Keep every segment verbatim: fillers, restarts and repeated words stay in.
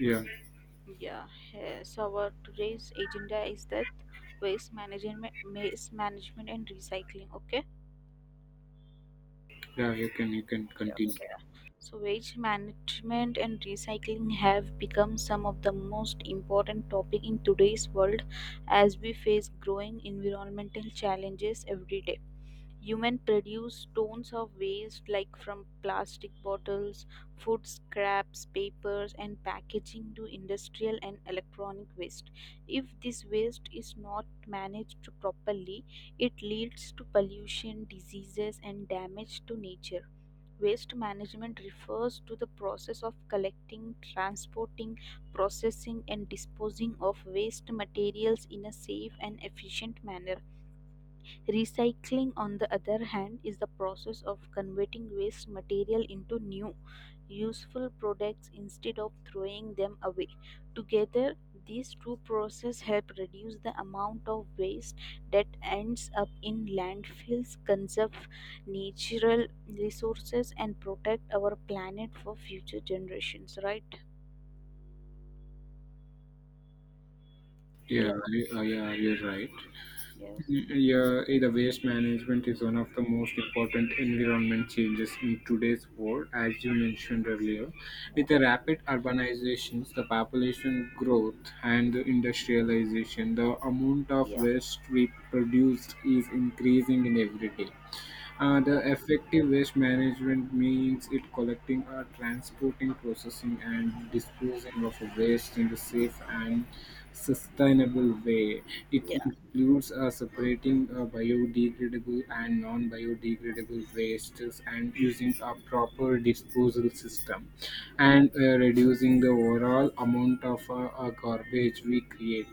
Yeah, Yeah, eh, so our today's agenda is that waste management, waste management and recycling. Okay. yeah, you can you can Yeah. continue. Okay. So waste management and recycling have become some of the most important topic in today's world as we face growing environmental challenges every day. Humans produce tons of waste, like from plastic bottles, food scraps, papers and packaging to industrial and electronic waste. If this waste is not managed properly, it leads to pollution, diseases and damage to nature. Waste management refers to the process of collecting, transporting, processing, and disposing of waste materials in a safe and efficient manner. Recycling, on the other hand, is the process of converting waste material into new, useful products instead of throwing them away. Together, these two processes help reduce the amount of waste that ends up in landfills, conserve natural resources, and protect our planet for future generations, right? Yeah, Hello. you- uh, yeah, you're right. Yes. Mm, yeah, eh, the waste management is one of the most important environment changes in today's world, as you mentioned earlier. With the Yeah. rapid urbanizations, the population growth, and the industrialization, the amount of Yeah. waste we produce is increasing in every day. Uh, the Yeah. effective waste management means it collecting, uh, transporting, processing, and disposing of waste in the safe and sustainable way. It Yeah. includes uh, separating uh, biodegradable and non biodegradable wastes and using a proper disposal system and uh, reducing the overall amount of uh, uh, garbage we create.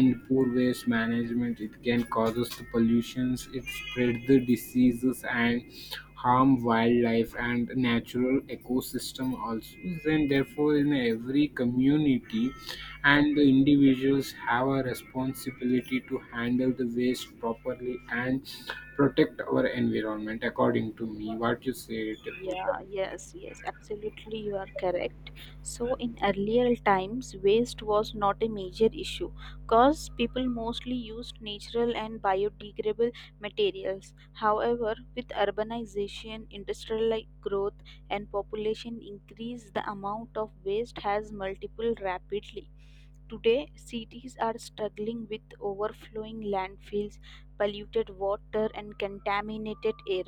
Yeah. poor waste management it can cause us the pollutions, it spread the diseases and harm wildlife and natural ecosystem also. Then therefore in every community and the individuals have a responsibility to handle the waste properly and protect our environment, according to me, what you said, Deepu. Yeah, yes, yes, absolutely, you are correct. So, in earlier times, waste was not a major issue because people mostly used natural and biodegradable materials. However, with urbanization, industrial growth, and population increase, the amount of waste has multiplied rapidly. Today, cities are struggling with overflowing landfills, polluted water, and contaminated air.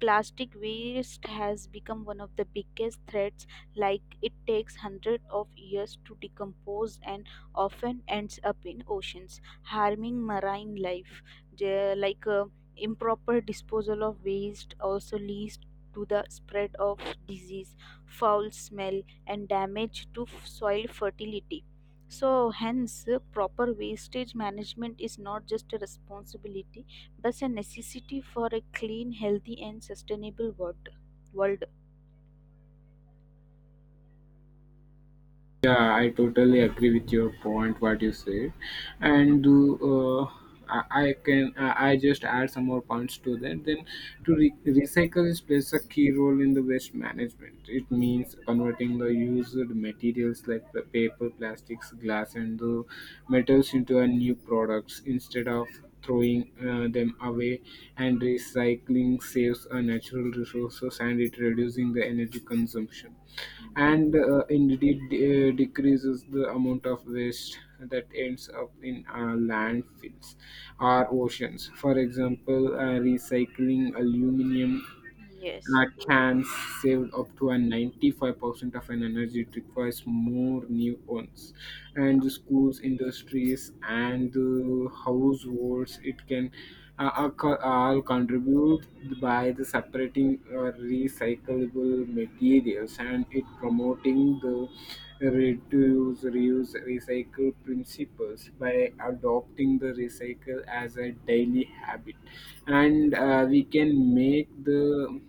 Plastic waste has become one of the biggest threats, like it takes hundreds of years to decompose and often ends up in oceans, harming marine life. The- Like uh, Improper disposal of waste also leads to the spread of disease, foul smell, and damage to f- soil fertility. So, hence, uh, proper wastage management is not just a responsibility but a necessity for a clean, healthy, and sustainable world. world. Yeah, I totally agree with your point, what you said, Hmm. and uh, I, I can I I just add some more points to that. Then, to re- recycle is plays a key role in the waste management. It means converting the used materials like the paper, plastics, glass, and the metals into a new products instead of throwing uh, them away. And recycling saves uh, natural resources and it reducing the energy consumption Hmm. and uh, indeed uh, decreases the amount of waste that ends up in uh, landfills or oceans. For example, uh, recycling aluminum Yes. uh, cans saved up to a ninety-five percent of an energy it requires more new ones. And the schools industries and the households it can uh, are co- all contribute by the separating uh, recyclable materials and it promoting the reduce reuse recycle principles by adopting the recycle as a daily habit. And uh, we can make the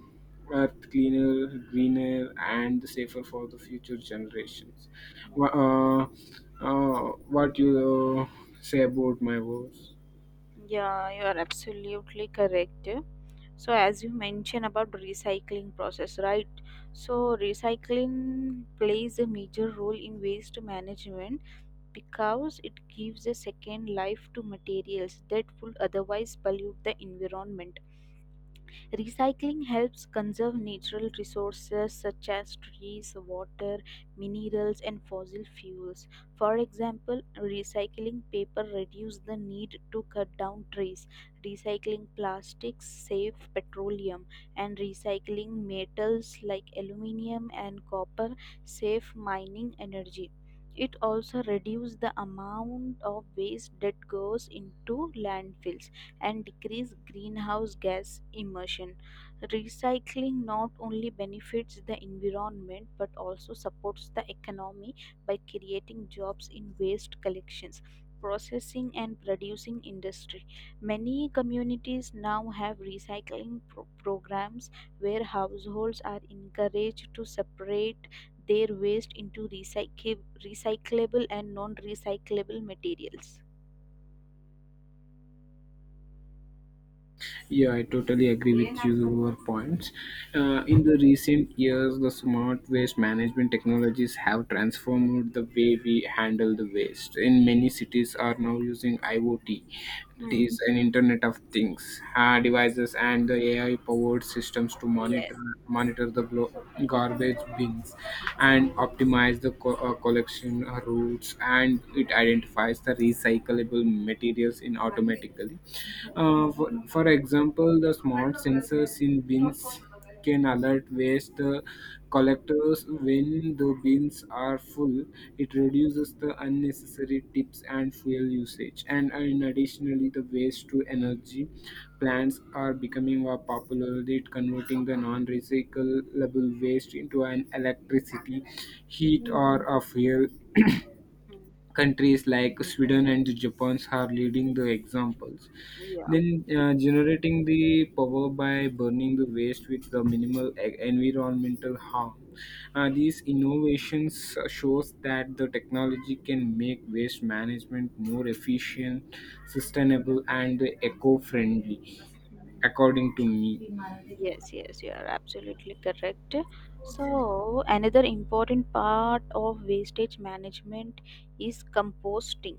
earth cleaner, greener, and safer for the future generations. Wha- Hmm. Uh, uh, what you uh, say about my words? Yeah, you are absolutely correct. So, as you mentioned about recycling process, right? So, recycling plays a major role in waste management because it gives a second life to materials that would otherwise pollute the environment. Recycling helps conserve natural resources such as trees, water, minerals, and fossil fuels. For example, recycling paper reduces the need to cut down trees, recycling plastics saves petroleum, and recycling metals like aluminum and copper save mining energy. It also reduces the amount of waste that goes into landfills and decrease greenhouse gas emission. Recycling not only benefits the environment but also supports the economy by creating jobs in waste collections. Processing and producing industry. Many communities now have recycling pro- programs where households are encouraged to separate their waste into recyclable, recyclable and non recyclable materials. Yeah, I totally agree with your points. Uh, in the recent years, the smart waste management technologies have transformed the way we handle the waste. In many cities, are now using I O T, that Hmm. is an Internet of Things uh, devices, and the A I-powered systems to Yeah. monitor monitor the glo- garbage bins and optimize the co- uh, collection uh, routes, and it identifies the recyclable materials in automatically. Hmm. Uh, for, for example, the smart sensors in bins can alert waste uh, collectors when the bins are full. It reduces the unnecessary tips and fuel usage. And uh, in additionally, the waste to energy plants are becoming more popular. It converting the non-recyclable waste into an electricity, heat, or a fuel. Hmm. Countries like Sweden and Japan are leading the examples. Yeah. Then uh, generating the power by burning the waste with the minimal e- environmental harm. Uh, these innovations shows that the technology can make waste management more efficient, sustainable, and eco-friendly, according to me. Yes, yes, you are absolutely correct. So, another important part of wastage management is composting,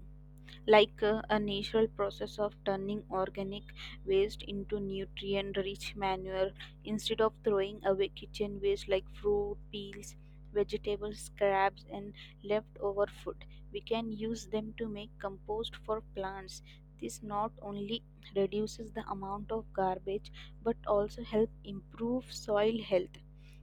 like uh, a natural process of turning organic waste into nutrient rich manure. Instead of throwing away kitchen waste like fruit peels, vegetable scraps and leftover food, we can use them to make compost for plants. This not only reduces the amount of garbage but also help improve soil health.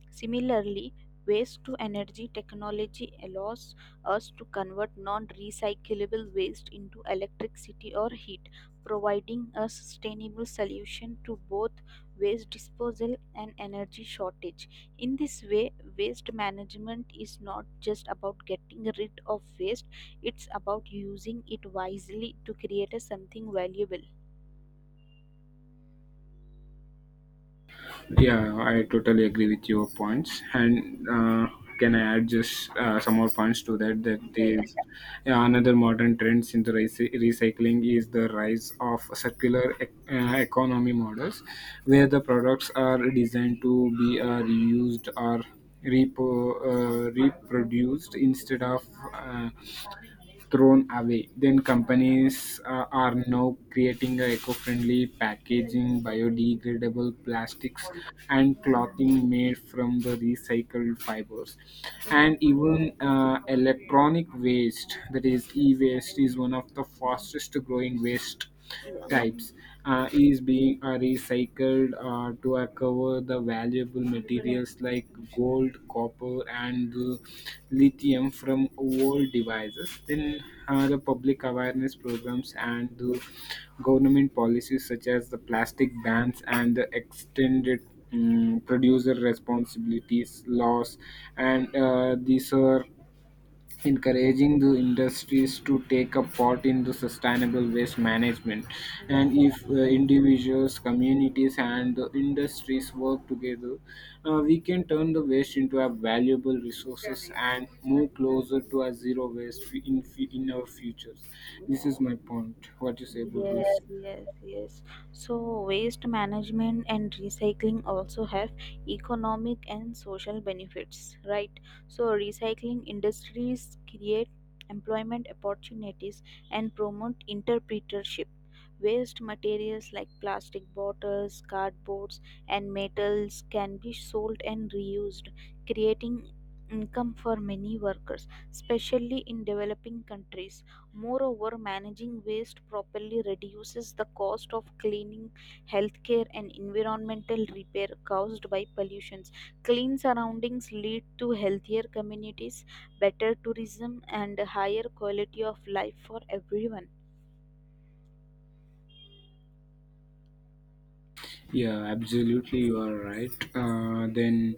Similarly, waste to energy technology allows us to convert non recyclable waste into electricity or heat, providing a sustainable solution to both waste disposal and energy shortage. In this way, waste management is not just about getting rid of waste, it's about using it wisely to create a something valuable. Yeah, I totally agree with your points. And uh, can I add just uh, some more points to that? That Yeah, yeah. is, yeah, another modern trends in the recy- recycling is the rise of circular ec- uh, economy models, where the products are designed to be uh, reused or repo, uh, reproduced instead of uh, thrown away. Then companies uh, are now creating a eco-friendly packaging, biodegradable plastics, and clothing made from the recycled fibers. And Mm, even uh, electronic waste, that is e-waste, is one of the fastest growing waste yeah, types uh, is being uh, recycled uh, to recover the valuable materials like gold, copper, and uh, lithium from old devices. Then uh, the public awareness programs and uh, government policies such as the plastic bans and the extended um, producer responsibilities laws, and uh, these are encouraging the industries to take a part in the sustainable waste management. yeah, And if uh, individuals communities and the industries work together uh, we can turn the waste into a valuable resources and move closer to a zero waste in in our futures. This yeah. is my point. What do you say about this? Yes, yes, yes. So, waste management and recycling also have economic and social benefits, right? So, recycling industries create employment opportunities and promote entrepreneurship. Waste materials like plastic bottles, cardboards, and metals can be sold and reused, creating income for many workers, especially in developing countries. Moreover, managing waste properly reduces the cost of cleaning, healthcare, and environmental repair caused by pollutions. Clean surroundings lead to healthier communities, better tourism, and a higher quality of life for everyone. Yeah, absolutely, you are right. Uh, then,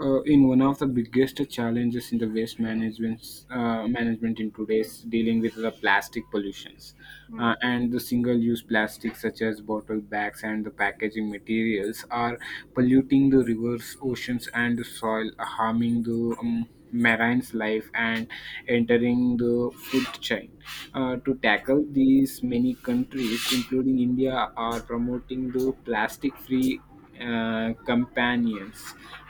uh, in one of the biggest challenges in the waste management uh, management in today's dealing with the plastic pollutions. Hmm. Uh, and the single-use plastics such as bottle bags and the packaging materials are polluting the rivers, oceans, and the soil, harming the um, marine's life and entering the food chain. Uh, to tackle these, many countries, including India, are promoting the plastic free uh, companions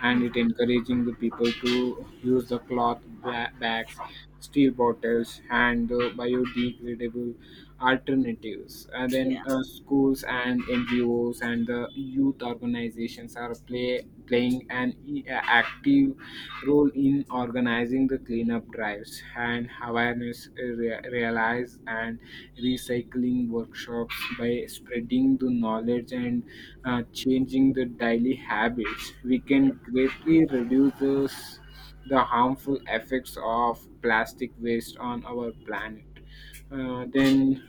and it Hmm. encouraging the people to use the cloth ba- bags, steel bottles, and the biodegradable alternatives. And then Yeah. uh, schools and N G Os and the youth organizations are play playing an i- active role in organizing the cleanup drives and Yeah. awareness re- realize and recycling workshops. By spreading the knowledge and uh, changing the daily habits we Yeah. can greatly reduce the, s- the harmful effects of plastic waste on our planet. Uh, then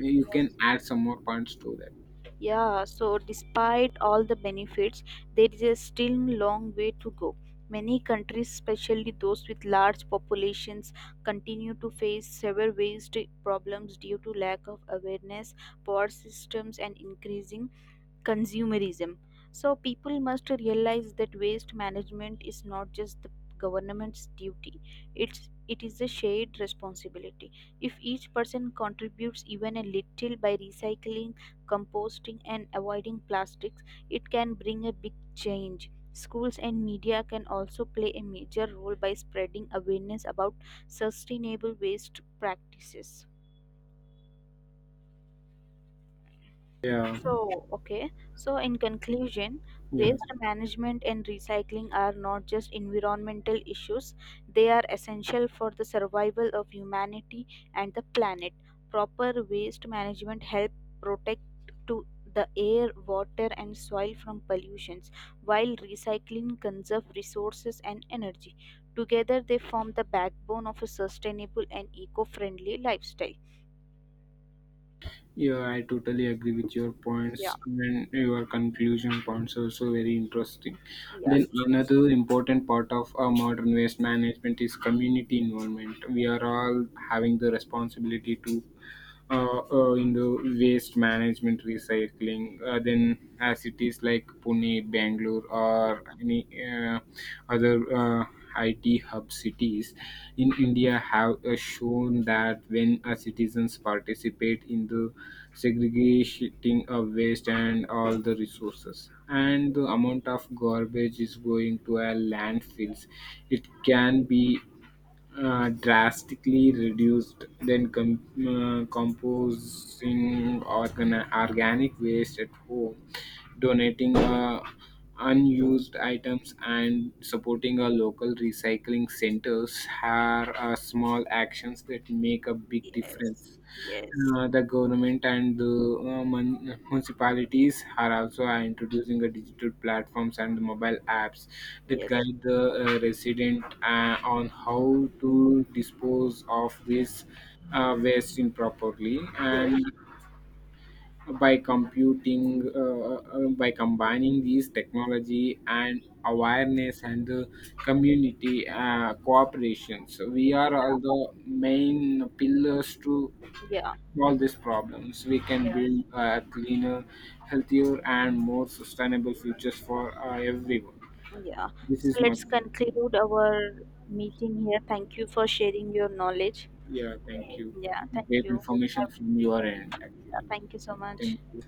you can Yes. add some more points to that. Yeah, so despite all the benefits, there is a still long way to go. Many countries, especially those with large populations, continue to face severe waste problems due to lack of awareness, poor systems, and increasing consumerism. So people must realize that waste management is not just the government's duty. It's it is a shared responsibility. If each person contributes even a little by recycling, composting and avoiding plastics, it can bring a big change. Schools and media can also play a major role by spreading awareness about sustainable waste practices. Yeah, So, okay. So, in conclusion, yeah. waste management and recycling are not just environmental issues, they are essential for the survival of humanity and the planet. Proper waste management help protect to the air, water and soil from pollutions, while recycling conserve resources and energy. Together they form the backbone of a sustainable and eco-friendly lifestyle. Yeah, I totally agree with your points Yeah, and your conclusion points also very interesting. yeah, Then another important part of our modern waste management is community involvement. We are all having the responsibility to uh, uh, into waste management, recycling. Uh, then uh, cities like Pune, Bangalore, yeah. or any uh, other uh, I T hub cities in India have uh, shown that when uh, citizens participate in the segregating of waste and all the resources and the amount of garbage is going to our landfills it can be uh, drastically reduced. Then com- uh, composing organ- organic waste at home, donating uh, unused items and supporting our local recycling centers are uh, small actions that make a big Yes. difference. Yes. Uh, the government and the uh, mun- municipalities are also are introducing a digital platforms and mobile apps that Yes, guide the uh, resident uh, on how to dispose of this uh, waste improperly. yes, And by computing uh, uh, by combining these technology and awareness and uh, community uh, cooperation, so we are all yeah, the main pillars to yeah, solve these problems. We can yes, build a cleaner, healthier, and more sustainable futures for uh, everyone. yeah. This So is my. let's conclude our meeting here. Thank you for sharing your knowledge. Yeah, thank you. Yeah, thank Great you. information Uh, from your end yeah, actually. thank you so Thank much. you.